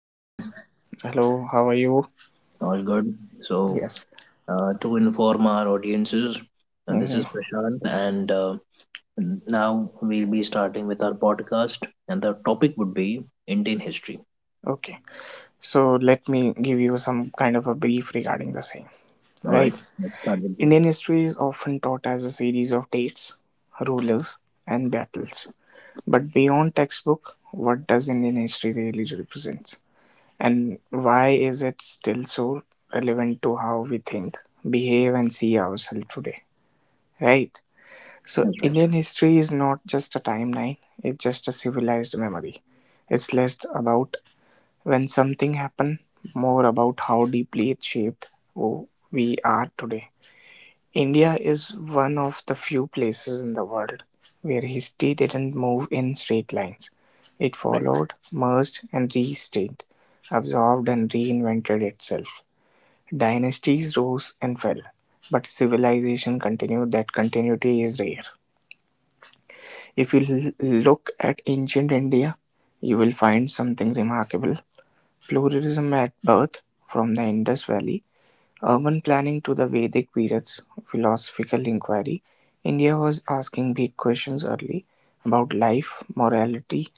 Hi Shabam, Hello, how are you? all good. So, Yes. To inform our audiences, and this Hmm. is Prashant, and now we'll be starting with our podcast, and the topic would be Indian history. Okay. So let me give you some kind of a brief regarding the same. All Right. right, let's start with this. Indian history is often taught as a series of dates, rulers, and battles. But beyond textbook, what does Indian history really represent? And why is it still so relevant to how we think, behave, and see ourselves today? Right. So That's right, Indian history is not just a timeline, it's just a civilized memory. It's less about when something happened, more about how deeply it shaped who we are today. India is one of the few places in the world where history didn't move in straight lines. It right. followed, merged, and restaged, absorbed, and reinvented itself. Dynasties rose and fell, but civilization continued. That continuity is rare. If you look at ancient India, you will find something remarkable. Pluralism at birth, from the Indus Valley urban planning to the Vedic period's philosophical inquiry, India was asking big questions early about life, morality,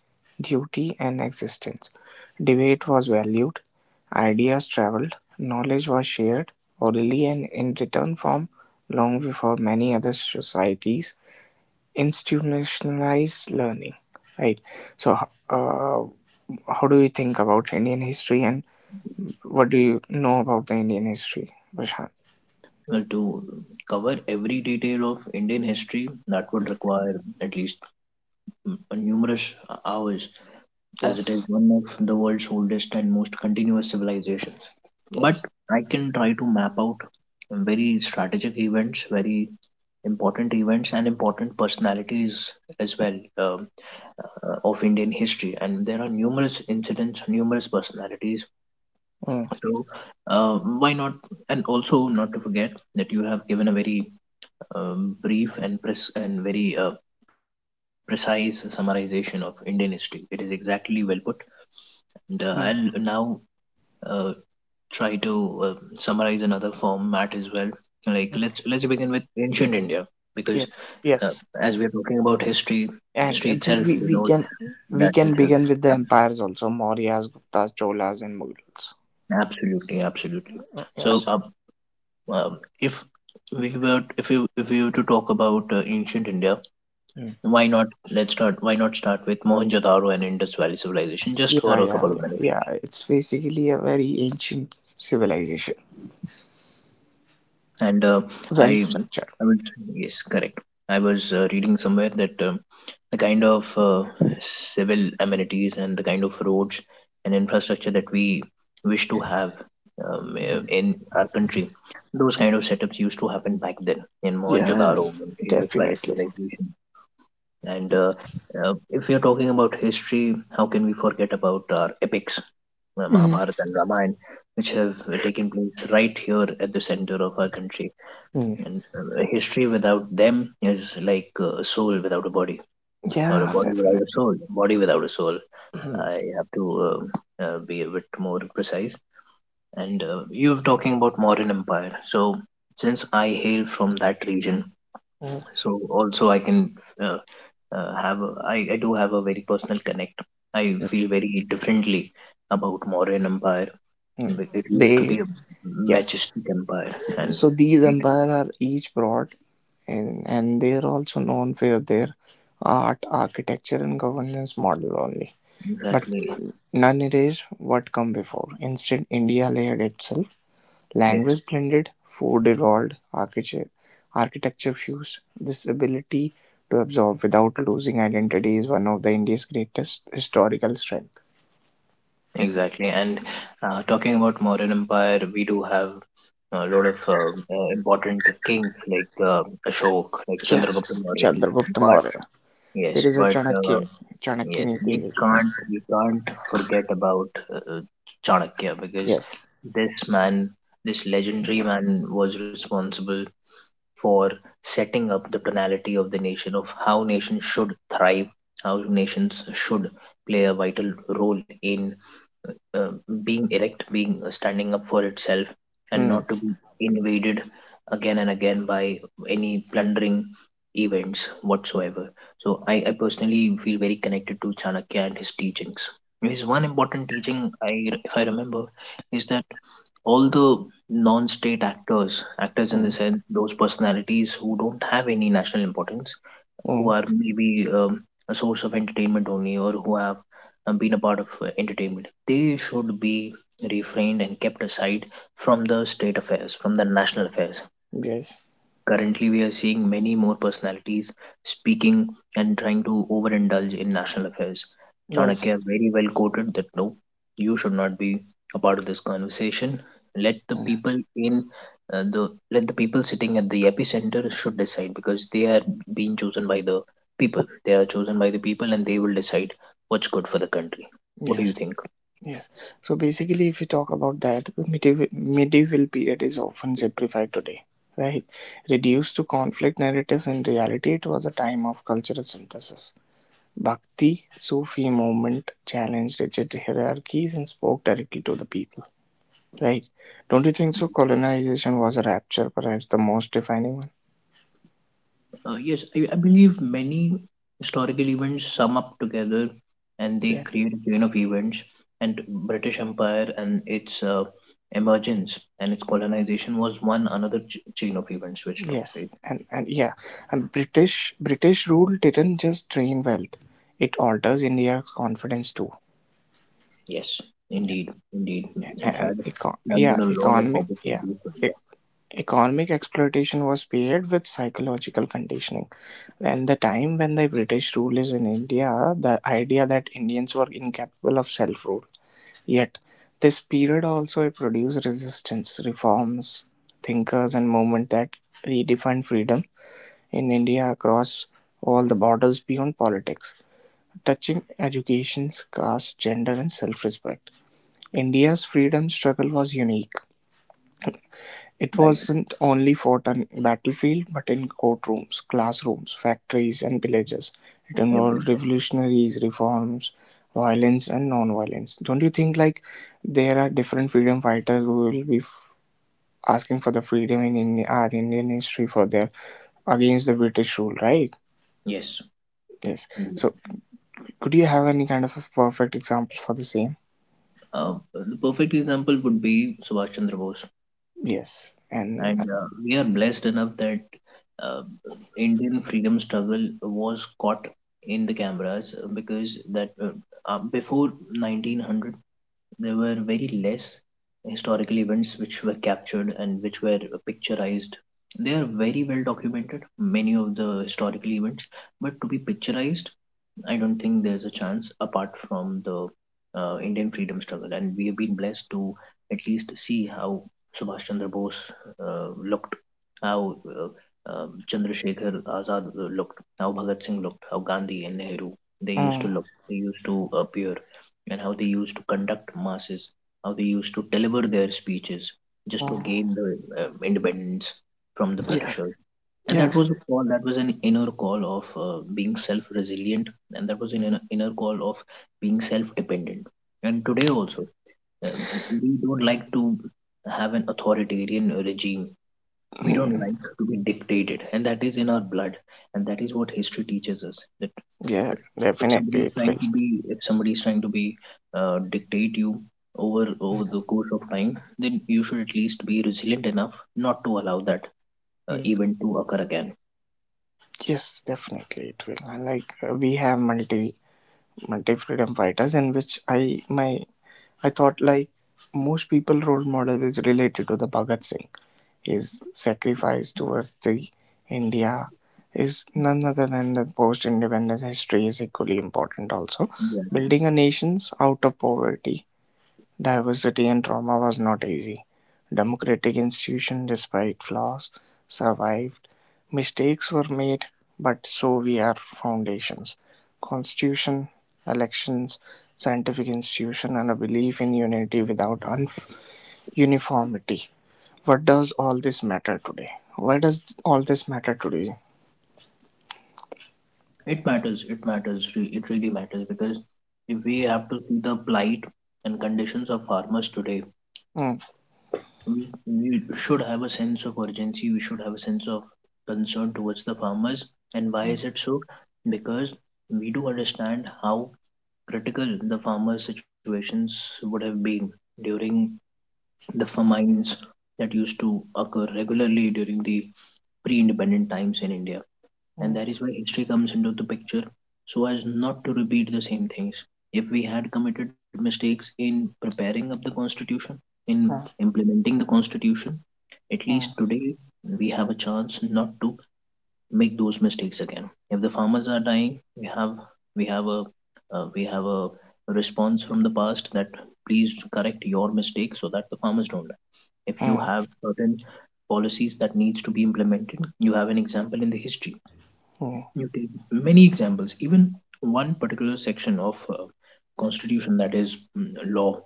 duty, and existence. Debate was valued, ideas traveled, knowledge was shared orally and in written form long before many other societies institutionalized learning. Right. So, how do you think about Indian history and what do you know about the Indian history, Prashant? Well, to cover every detail of Indian history, that would require at least numerous hours as it is Yes, one of the world's oldest and most continuous civilizations. But yes, I can try to map out very strategic events, very important events, and important personalities as well of Indian history. And there are numerous incidents, numerous personalities. mm, So why not? And also not to forget that you have given a very brief and very precise summarization of Indian history. It is exactly well put. And I'll mm, now uh, try to summarize another format as well. Like let's begin with ancient India because yes, uh, yes. as we're talking about history, history And we, itself we, we denotes can we that can which has begin with the happened. empires also: Mauryas, Guptas, Cholas, and Mughals. Absolutely, absolutely. Mm. So, Yes. Um, if if we were to talk about ancient India, Mm. why not start with Mohenjo-daro and Indus Valley civilization just Yeah, for a yeah, couple of yeah, minutes. yeah. It's basically a very ancient civilization, And well I structured. I was yes, correct. I was reading somewhere that the kind of civil amenities and the kind of roads and infrastructure that we wish to have Mm. in our country, those kind of setups used to happen back then in Yeah, Mohenjo-daro and in the Valley definitely. civilization. And if we are talking about history, how can we forget about our epics, Mm. Mahabharata and Ramayana, which have taken place right here at the center of our country? Mm. And a history without them is like a soul without a body, or a Yeah, body without a definitely. soul, body without a soul. Mm. I have to be a bit more precise. And you were talking about modern empire. So since I hail from that region, Mm. so also uh, I I do have a very personal connect. I feel very differently about modern empire. Mm. It used to They be a yes majestic empire, and So these it empires are each broad, and, they are also known for their art, architecture and governance model only. But exactly. none erased what come before. Instead, India layered itself. Yes. Language blended, food evolved, architecture fused. This ability to absorb without losing identity is one of the India's greatest historical strength. Exactly. And talking about modern empire, we do have a lot of important kings like Ashok, like Chandragupta Yes, Maurya. Chandragupta But Maurya. There yes, is a but Chanakya, Chanakya yes, Niti. we can't we can't forget about uh, uh, Chanakya because Yes. this man, this legendary man, was responsible for setting up the tonality of the nation of how nations should thrive, how nations should play a vital role in uh, being erect, being standing up for itself, and Mm. not to be invaded again and again by any plundering events whatsoever. So, I personally feel very connected to Chanakya and his teachings. His one important teaching, if I remember, is that all the non-state actors, actors in the sense those personalities who don't have any national importance, who Mm, are maybe a source of entertainment only, or who have been a part of entertainment, they should be refrained and kept aside from the state affairs, from the national affairs. yes, Currently, we are seeing many more personalities speaking and trying to overindulge in national affairs. yes, Chanakya very well quoted that no, you should not be a part of this conversation. Let the mm, people in the let the people sitting at the epicenter should decide because they are being chosen by the people. They are chosen by the people, and they will decide what's good for the country. What do you think? yes, yes. So basically, if you talk about that, the medieval period is often simplified today, right? Reduced to conflict narratives, in reality, it was a time of cultural synthesis. Bhakti Sufi movement challenged rigid hierarchies and spoke directly to the people, right? Don't you think so? Colonization was a rapture, perhaps the most defining one. Yes, I believe many historical events sum up together and they Yes. create a chain of events. And British Empire and its emergence and its colonization was one another chain of events which took place. Yes, and yeah, and British rule didn't just drain wealth; it alters India's confidence too. Yes, Yes, indeed, indeed. yeah, It had and landed yeah, a lot of economic yeah, opportunities for India, e- economic exploitation was paired with psychological conditioning. And the time when the British rule is in India, the idea that Indians were incapable of self-rule. Yet, this period also produced resistance, reforms, thinkers, and movement that redefined freedom in India across all the borders beyond politics, touching education, caste, gender, and self respect. India's freedom struggle was unique. It right? wasn't only fought on battlefield but in courtrooms, classrooms, factories, and villages. It involved Everywhere. revolutionaries, reforms, violence, and non-violence. Don't you think like there are different freedom fighters who will be asking for the freedom in India, our Indian history for their against the British rule, right? Yes, Yes. indeed. So could you have any kind of a perfect example for the same? The perfect example would be Subhash Chandra Bose. Yes, and And we are blessed enough that uh, Indian freedom struggle was caught in the cameras because that before 1900 there were very less historical events which were captured and which were picturized. They are very well documented, many of the historical events, but to be picturized I don't think there's a chance apart from the Indian freedom struggle, and we have been blessed to at least see how Subhash Chandra Bose looked, how Chandrasekhar Azad looked, how Bhagat Singh looked, how Gandhi and Nehru they used to mm, look, they used to appear, and how they used to conduct masses, how they used to deliver their speeches just to mm, gain the independence from the yeah, Britishers, and that yes, was a call, that was an inner call of being self resilient, and that was an inner call of being self dependent. And today also, um, we don't like to have an authoritarian regime, we don't mm, like to be dictated, and that is in our blood, and that is what history teaches us that yeah, if, if somebody definitely is it trying will. to be if somebody is trying to be dictate you over the course of time, then you should at least be resilient enough not to allow that Mm. event to occur again. Yes, definitely it will. And like we have multi freedom fighters in which I thought like most people role model is related to the Bhagat Singh. His sacrifice towards the India is none other than the post-independence history is equally important also. Yeah. Building a nation out of poverty, diversity and trauma was not easy. Democratic institution, despite flaws, survived. Mistakes were made, but so we are foundations. Constitution, elections, scientific institution and a belief in unity without unf uniformity. What does all this matter today? Why does all this matter today? It matters. It matters. It really matters because if we have to see the plight and conditions of farmers today, Mm, we should have a sense of urgency. We should have a sense of concern towards the farmers. And why is mm, it so? Because we do understand how critical the farmers' situations would have been during the famines that used to occur regularly during the pre-independent times in India. And mm, that is why history comes into the picture, so as not to repeat the same things. If we had committed mistakes in preparing up the constitution, in implementing the constitution, at least mm, today we have a chance not to make those mistakes again. If the farmers are dying, we have a we have a response from the past that please correct your mistake so that the farmers don't die. If you mm, have certain policies that needs to be implemented, you have an example in the history. You take many examples, even one particular section of constitution, that is law,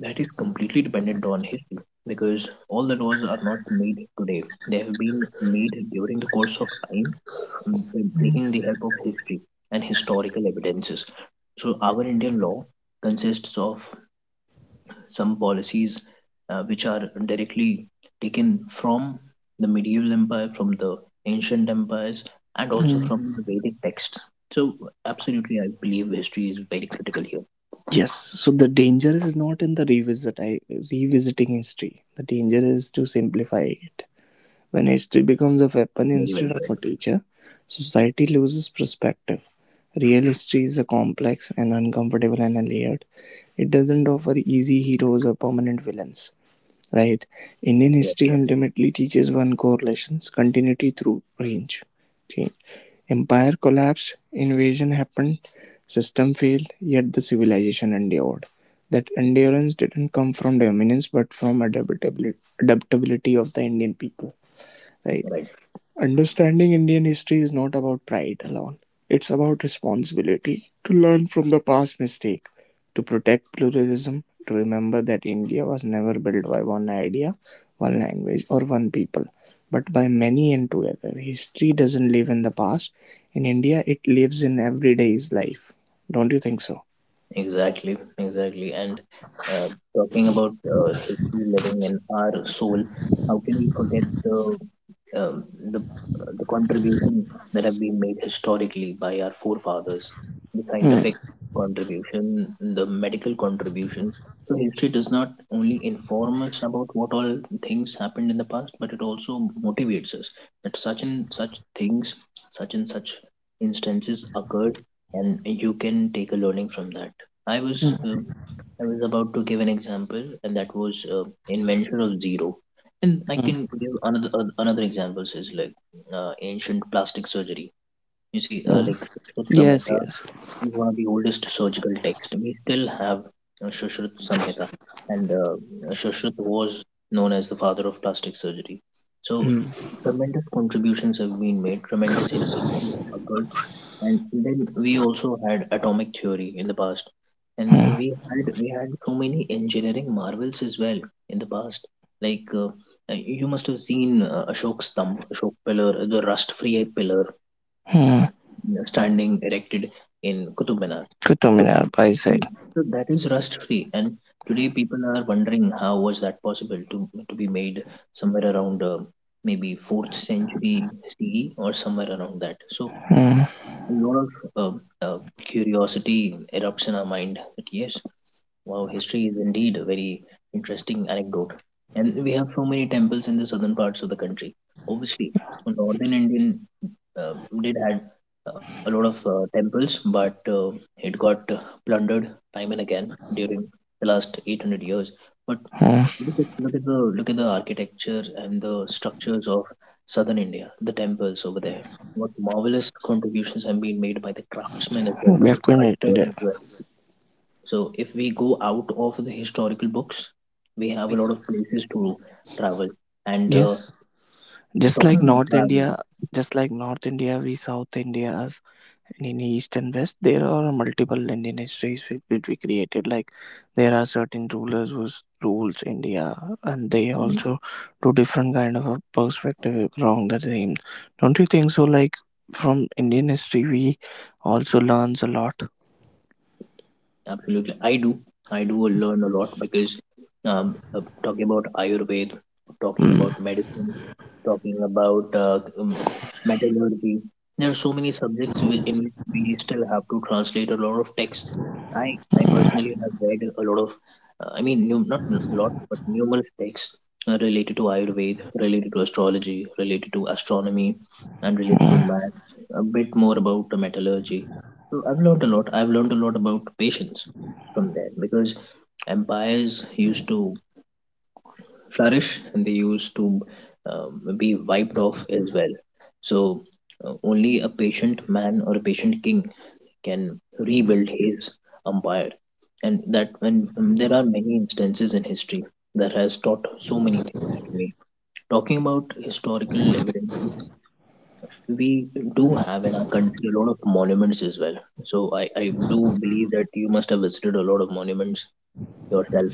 that is completely dependent on history, because all the laws are not made today, they have been made during the course of time, mm, mm, taking the help of history and historical evidences. So our indian law consists of some policies which are directly taken from the medieval empire, from the ancient empires, and also mm. from the Vedic texts. So, absolutely, I believe history is very critical here. Yes, so the danger is not in the revisiting history. The danger is to simplify it. When history becomes a weapon Very well instead of said. a teacher, society loses perspective. Real history is a complex and uncomfortable and layered. It doesn't offer easy heroes or permanent villains. Right? Indian Yes, history ultimately teaches one correlations continuity through range. Change. Empire collapsed, invasion happened, system failed, yet the civilization endured. That endurance didn't come from dominance but from adaptability of the Indian people, right? right. Understanding Indian history is not about pride alone. It's about responsibility to learn from the past mistake, to protect pluralism, to remember that India was never built by one idea, one language, or one people, but by many and together. History doesn't live in the past. In India, it lives in everyday's life. Don't you think so? Exactly, exactly. And uh, talking about history living in our soul, how can we forget the um, the the contributions that have been made historically by our forefathers, the Hmm. scientific contribution, the medical contribution. So history does not only inform us about what all things happened in the past, but it also motivates us that such and such things, such and such instances occurred, and you can take a learning from that. I was Hmm, um I was about to give an example, and that was invention of zero. And I hmm, can give another another examples is like ancient plastic surgery. You see, hmm. like Sushruta Yes, Samhita yes. is one of the oldest surgical texts. We still have Sushruta Samhita, and Sushruta was known as the father of plastic surgery. So Hmm. tremendous contributions have been made. Tremendous instances occurred, and then we also had atomic theory in the past, and Hmm. we had so many engineering marvels as well in the past, like you must have seen ashok pillar, the rust free pillar, Hmm. you standing erected in kutub minar. So, Kutumina by side. so that is rust free, and today people are wondering how was that possible to be made somewhere around maybe 4th century ce or somewhere around that. So Hmm. a lot of um, uh, curiosity erupts in our mind that yes, wow, history is indeed a very interesting anecdote. And we have so many temples in the southern parts of the country. Obviously, a northern Indian uh, did had a lot of temples, but it got plundered time and again during the last 800 years. But Hmm. Look at the architecture and the structures of southern India, the temples over there. What marvelous contributions have been made by the craftsmen as well, We by have the connected sculptors it. as well. So if we go out of the historical books, we have a lot of places to travel. And Yes, just like talking about North travel, India, just like North India, we South India, and in East and West, there are multiple Indian histories which we created. Like there are certain rulers who rules India, and they also do different kind of a perspective around the same. Don't you think so? Like from Indian history, we also learns a lot. absolutely, I do. I do learn a lot because talking about Ayurveda, talking Mm. about medicine, talking about metallurgy, there are so many subjects in which we still have to translate a lot of texts. I I Mm, personally have read a lot of, I mean, num not a lot, but numerous texts related to Ayurveda, related to astrology, related to astronomy, and related to mm. math. A bit more about the metallurgy I've learned a lot. I've learned a lot about patience from there because empires used to flourish and they used to be wiped off as well. So only a patient man or a patient king can rebuild his empire, and that when there are many instances in history that has taught so many things to me. Talking about historical evidence we do have in our country a lot of monuments as well. So I do believe that you must have visited a lot of monuments yourself.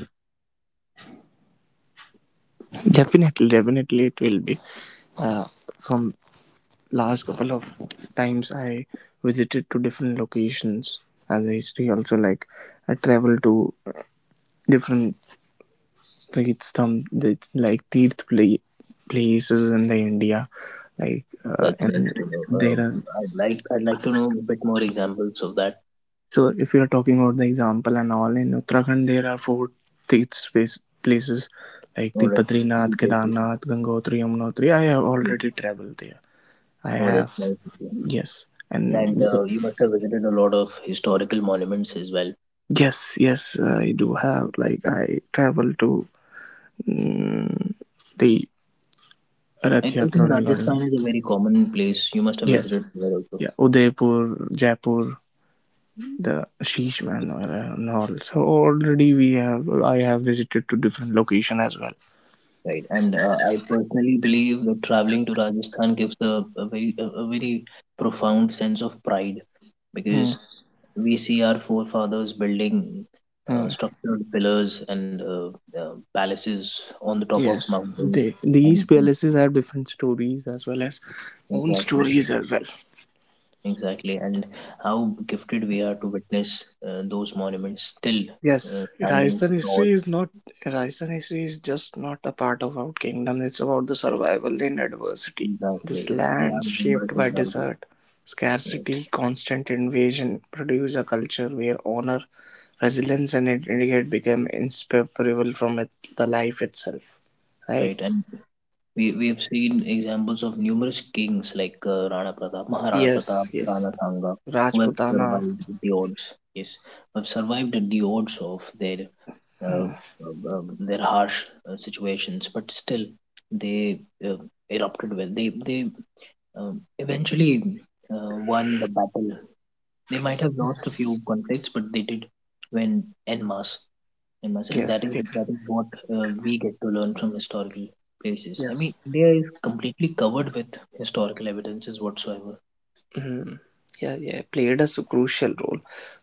Definitely, definitely, it will be. Uh, from last couple of times I visited to different locations as a history also like I traveled to different states some like Tirth places in the India like That's nice and to know. there are I'd like to know a bit more examples of that. so if you are talking about the example and all in Uttarakhand there are four Tirth space places like All the right. Few Padrinath, places. Kedarnath, Gangotri, Yamunotri. I have Hmm. already traveled there. I Oh, that's have nice of you. Yes, and And you must have visited a lot of historical monuments as well. yes, yes, I do have. Like I travel to mm, the I, Rath I Yatra think regarding. Rajasthan is a very common place. You must have Yes, visited there also. yeah, Udaipur, Jaipur, the Sheesh Manor and all. So already we have. I have visited to different location as well. Right, and I personally believe that traveling to Rajasthan gives a very a very profound sense of pride Hmm. because we see our forefathers building Hmm. structured pillars and uh, palaces on the top of Yes, mountains. These And palaces have different stories as well as own exactly, stories as well. exactly, and how gifted we are to witness those monuments still Yes, standing tall. Rajasthan history is just not a part of our kingdom. It's about the survival in adversity. This Exactly, we land have numerous shaped by examples, desert, uh, scarcity, constant invasion produced a culture where honor, resilience, and identity had become inseparable from it, the life itself. Right? right? And we have seen examples of numerous kings like Rana Pratap, Maharana Pratap, Yes, Rana yes. Sangha, who have Rajputana. survived at the odds. Yes, who have survived at the odds of Hmm, their harsh situations, but still they uh, erupted well. They eventually won the battle. They might have lost a few conflicts, but they did win en masse famous, and that yes, is that is what we get to learn from historical places. I mean, yes. India is completely covered with historical evidences whatsoever. Mhm. Yeah, yeah, played a crucial role.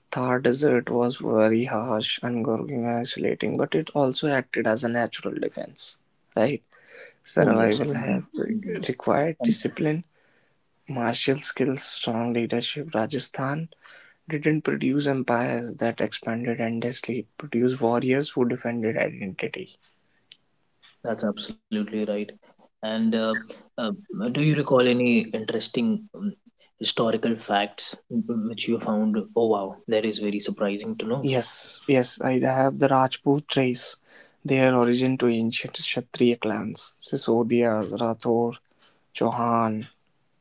Thar Desert was very harsh and Gorgina isolating, but it also acted as a natural defense, right? Oh yes, Survival indeed, have indeed, required and discipline, martial skills, strong leadership. Rajasthan didn't produce empires that expanded endlessly, it produced warriors who defended identity. that's absolutely right. And uh, do you recall any interesting historical facts which you found? Oh wow, that is very surprising to know. Yes, yes, I have the Rajput race, their origin to ancient Kshatriya clans, Sisodias, Rathor, Chauhan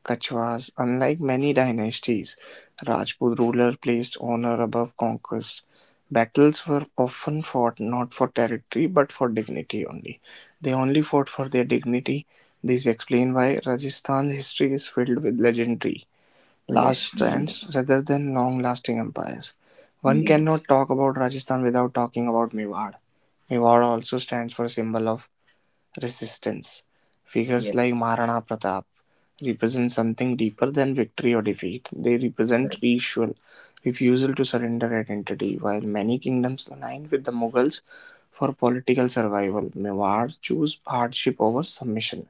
Kachwas, unlike many dynasties Rajput ruler placed honor above conquest. Battles were often fought not for territory but for dignity only. They only fought for their dignity. This explains why Rajasthan's history is filled with legendary Oh, last yes, indeed, stands rather than long lasting empires. One indeed, cannot talk about Rajasthan without talking about Mewar. Mewar also stands for symbol of resistance. Figures yes, like Maharana Pratap represent something deeper than victory or defeat. They represent ritual, refusal to surrender identity. While many kingdoms aligned with the Mughals for political survival, Mewar chose hardship over submission.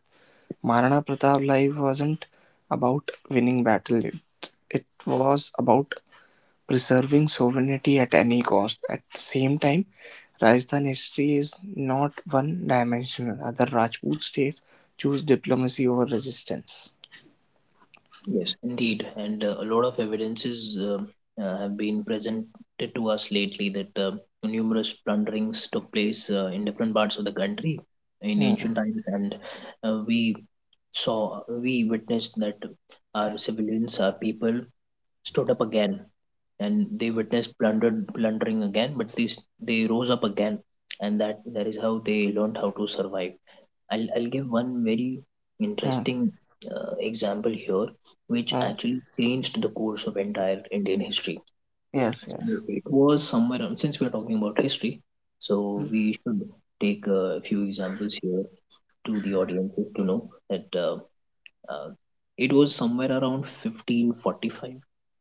Maharana Pratap's life wasn't about winning battle. It was about preserving sovereignty at any cost. At the same time, Rajasthan history is not one dimensional. Other Rajput states choose diplomacy over resistance. Yes, indeed, and a lot of evidences have been presented to us lately that numerous plunderings took place in different parts of the country in Hmm, ancient times, and we we witnessed that our civilians, our people, stood up again, and they witnessed plundered plundering again, but these they rose up again, and that is how they learned how to survive. I'll give one very hmm, interesting example here, which hmm. actually changed the course of entire Indian history. Yes, yes. It was somewhere around, since we're talking about history, so Hmm, we should take a few examples here to the audience to know that uh, it was somewhere around 1545,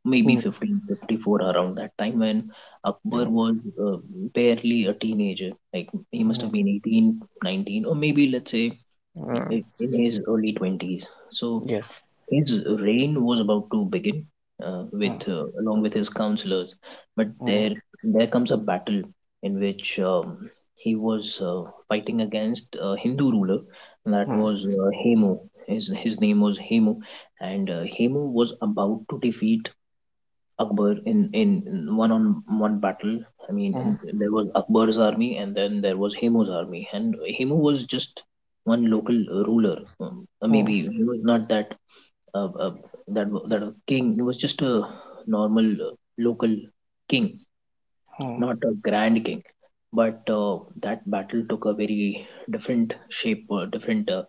maybe hmm, 1554, around that time when Akbar hmm, was uh, barely a teenager. Like he must hmm. have been 18, 19, or maybe let's say Hmm. In his early 20s. So Yes. his reign was about to begin Hmm, with along with his counselors, but there hmm, there comes a battle in which he was fighting against a Hindu ruler and that hmm, was Hemu. His name was Hemu, and Hemu was about to defeat Akbar in one on one battle. I mean, and hmm, there was Akbar's army, and then there was Hemu's army, and Hemu was just one local ruler. Hmm, hmm, Maybe he was not uh, uh, that that a king. He was just a normal local king, hmm, not a grand king. But that battle took a very different shape, different uh,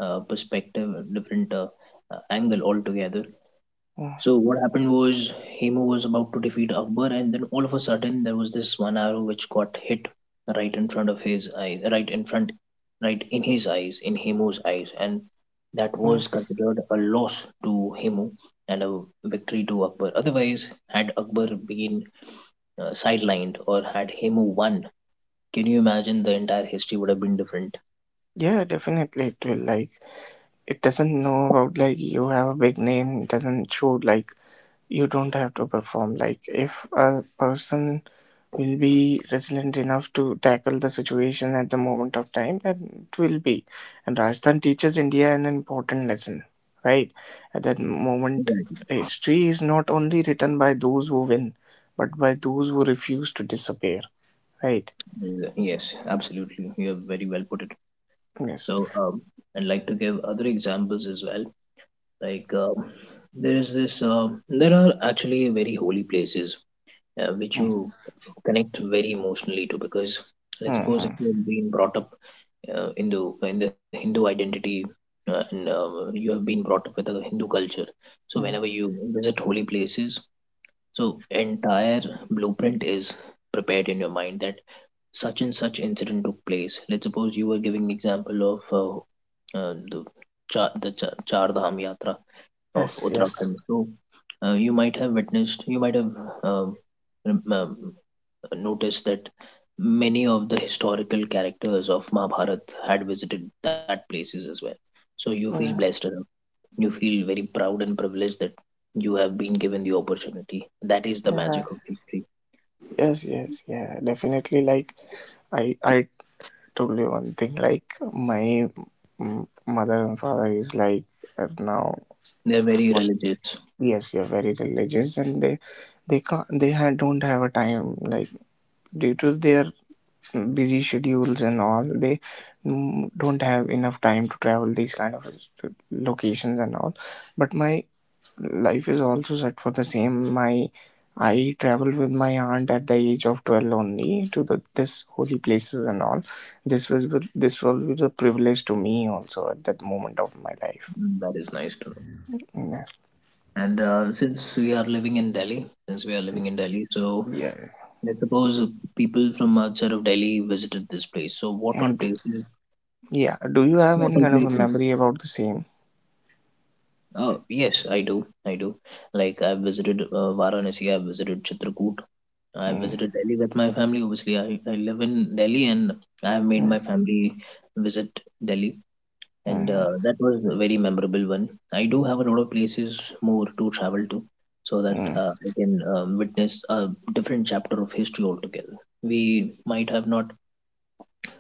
uh, perspective, different angle altogether. hmm. So what happened was Hemo was about to defeat Akbar, and then all of a sudden there was this one arrow which got hit right in front of his eyes, right in front, right in his eyes, in Hemo's eyes, and that Hmm. was considered a loss to Hemo and a victory to Akbar. Otherwise, had Akbar been sidelined or had Hemo won, can you imagine the entire history would have been different? Yeah, definitely it will. Like, it doesn't know about like you have a big name, it doesn't show like you don't have to perform. Like, if a person will be resilient enough to tackle the situation at the moment of time, then it will be. And Rajasthan teaches India an important lesson, right? At that moment, Exactly. history is not only written by those who win, but by those who refuse to disappear, right? Yeah, Yes, absolutely. You have very well put it. Yes. So, I'd like to give other examples as well. Like there is this there are actually very holy places which you Mm-hmm. connect very emotionally to because let's suppose if Mm-hmm. you've been brought up in the Hindu identity and you have been brought up with a Hindu culture so whenever Mm-hmm. you visit holy places so entire blueprint is prepared in your mind that such and such incident took place. Let's suppose you were giving example of the Char Dham Yatra of Yes, yes. Uttarakhand. So you might have witnessed, you might have um, rem- um, noticed that many of the historical characters of Mahabharat had visited that places as well. So you feel Yeah, blessed enough. You feel very proud and privileged that you have been given the opportunity. That is the yeah. magic of history. Yes, yes, yeah. Definitely. Like, I told you one thing. Like, my mother and father is like now. They're very what- religious. Yes, you're very religious, and they can't. They don't have a time. Like, due to their busy schedules and all, they don't have enough time to travel these kind of locations and all. But my life is also set for the same. My I traveled with my aunt at the age of 12 only to the this holy places and all. This was a privilege to me also at that moment of my life. Mm, that is nice to know. Yeah. And since we are living in Delhi, since we are living in Delhi, so Yeah. let's suppose if people from outside of Delhi visited this place. So what all And places? yeah, do you have any What all kind of a places? memory about the same? Yes, I do. I do. Like I've visited Varanasi. I've visited Chitrakoot. I Mm, visited Delhi with my family. Obviously, I live in Delhi, and I have made mm, my family visit Delhi, and mm, that was a very memorable one. I do have a lot of places more to travel to, so that mm, I can witness a different chapter of history altogether. We might have not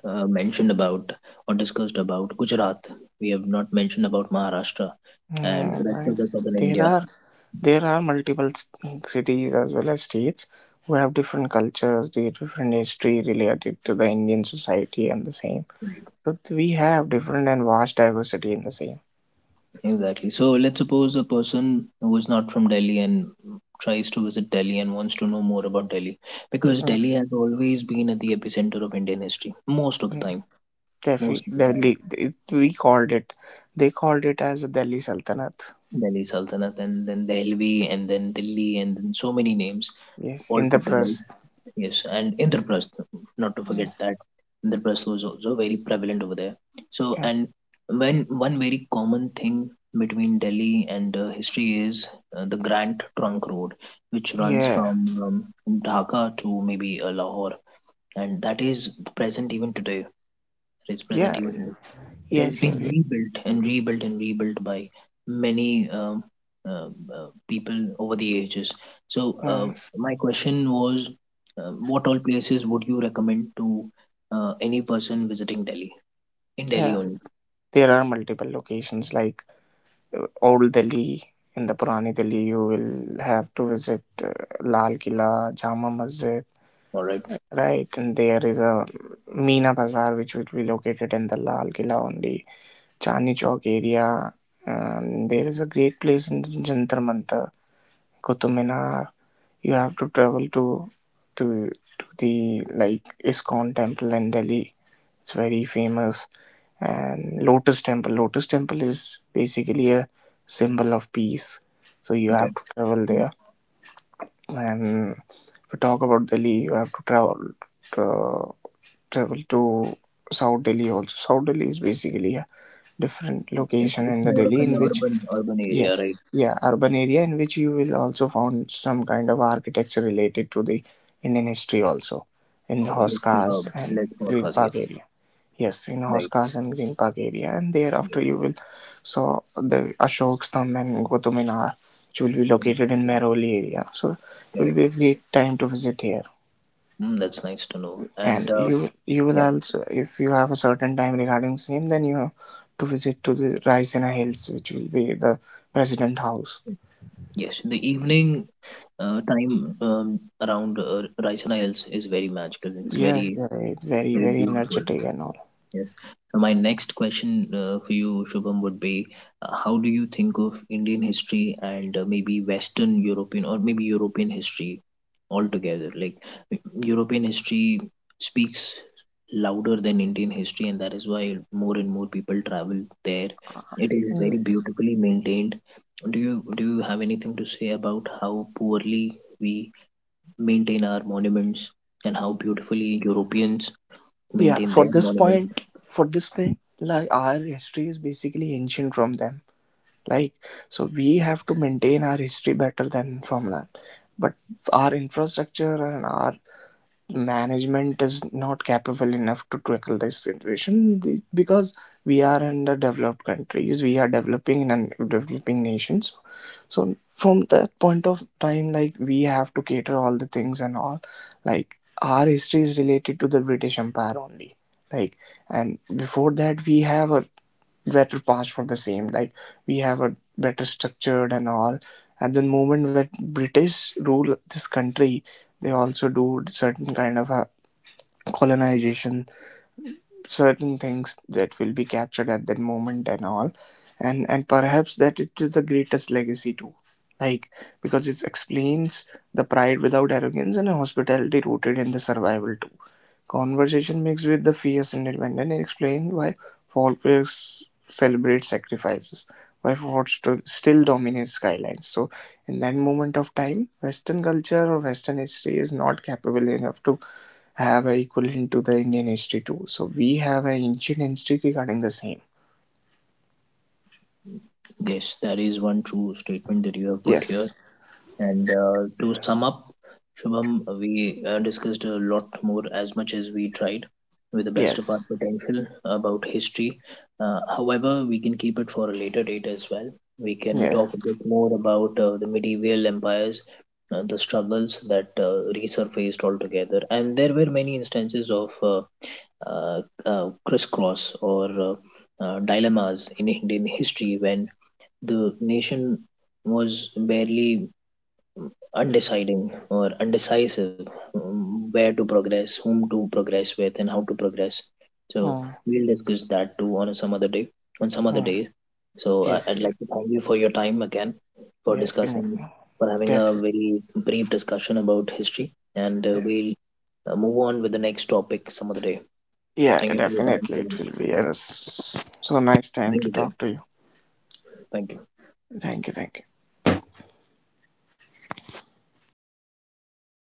mentioned about or discussed about Gujarat. We have not mentioned about Maharashtra and mm, rest of right. the southern There India. are there are multiple cities as well as states who have different cultures, different history related to the Indian society and the same. So we have different and vast diversity in the same. Exactly. So let's suppose a person who is not from Delhi and tries to visit Delhi and wants to know more about Delhi because Mm. Delhi has always been at the epicenter of Indian history most of the Mm. time. Most of the time, Delhi, we called it. They called it as the Delhi Sultanate. Delhi Sultanate and then Delhi and then Delhi and then so many names Yes, all in the put together. press. Yes, and Indraprastha, not to Yeah, forget that Indraprastha was also very prevalent over there. So, yeah, and when one very common thing between Delhi and history is the Grand Trunk Road, which runs yeah. from Dhaka to maybe Lahore, and that is present even today. It is present Yes, even it has yes, yes. been rebuilt and rebuilt and rebuilt by many people over the ages. So, Mm. my question was, what all places would you recommend to any person visiting Delhi? In Delhi Yeah, only. there are multiple locations like Old Delhi. In the Purani Delhi, you will have to visit Lal Kila, Jama Masjid, All right. right? And there is a Meena Bazaar, which will be located in the Lal Kila only Chandni Chowk area. And there is a great place in Jantar Mantar, Qutub Minar. You have to travel to to the like Iskon Temple in Delhi. It's very famous. And Lotus Temple. Lotus Temple is basically a symbol of peace. So you Okay. have to travel Um, there. And if you talk about Delhi, you have to to, travel to South Delhi also. South Delhi is basically a different it's location in the more of Delhi an in which urban area, yes, right? yeah, urban area in which you will also find some kind of architecture related to the Indian history also in the Oh, yes. Uh, Hoskas and let's not Green forget. Yes. Park area. Yes, in Right. Hoskas and Green Park area, and Right. thereafter you will saw the Ashok Stamp and Qutub Minar, which will be located in Mehrauli area. So it will Correct. be a great time to visit here. Mm, that's nice to know. And And you will yeah. also if you have a certain time regarding same, then you have to visit to the Raisina Hills, which will be the president house. Yes, the evening time around Raisana Hills is very magical. It's Yes, very yeah, it's very very very beautiful. energetic and all. Yes. So my next question for you, Shubham, would be, how do you think of Indian history and maybe Western European or maybe European history altogether? Like e- European history speaks louder than Indian history, and that is why more and more people travel there. It is Mm. very beautifully maintained. Do you have anything to say about how poorly we maintain our monuments and how beautifully Europeans Yeah, maintain for their this monuments. point, for this point, like our history is basically ancient from them. Like, so we have to maintain our history better than from them. But our infrastructure and our management is not capable enough to tackle this situation. Because we are under developed countries we are developing and developing nations so from that point of time like we have to cater all the things and all like our history is related to the British empire only like and before that we have a better pass for the same. Like we have a better structured and all. At the moment when British rule this country, they also do certain kind of a colonization certain things that will be captured at that moment and all and perhaps that it is the greatest legacy too like because it explains the pride without arrogance and a hospitality rooted in the survival too conversation mixed with the fierce independence and explain why folklores celebrate sacrifices why fort still dominates skylines so in that moment of time western culture or western history is not capable enough to have a equivalent to the Indian history too. So we have an ancient history regarding the same. Yes, that is one true statement that you have put here. Yes. And to sum up, Shubham, we discussed a lot more as much as we tried with the best Yes. of our potential about history. However, we can keep it for a later date as well. We can Yeah. talk a bit more about the medieval empires, the struggles that resurfaced altogether. And there were many instances of crisscross or dilemmas in Indian history when the nation was barely undeciding or undecisive where to progress, whom to progress with, and how to progress. So Mm, we'll discuss that too on some other day. On some other mm. day. So Yes. I'd Yes. like to thank you for your time again for Definitely. discussing, for having a Definitely. very brief discussion about history, and we'll move on with the next topic some other day. Yeah, Thank yeah, you for your definitely. It time. will be a so nice Thank time you, to sir. talk to you. Thank you. Thank you. Thank you.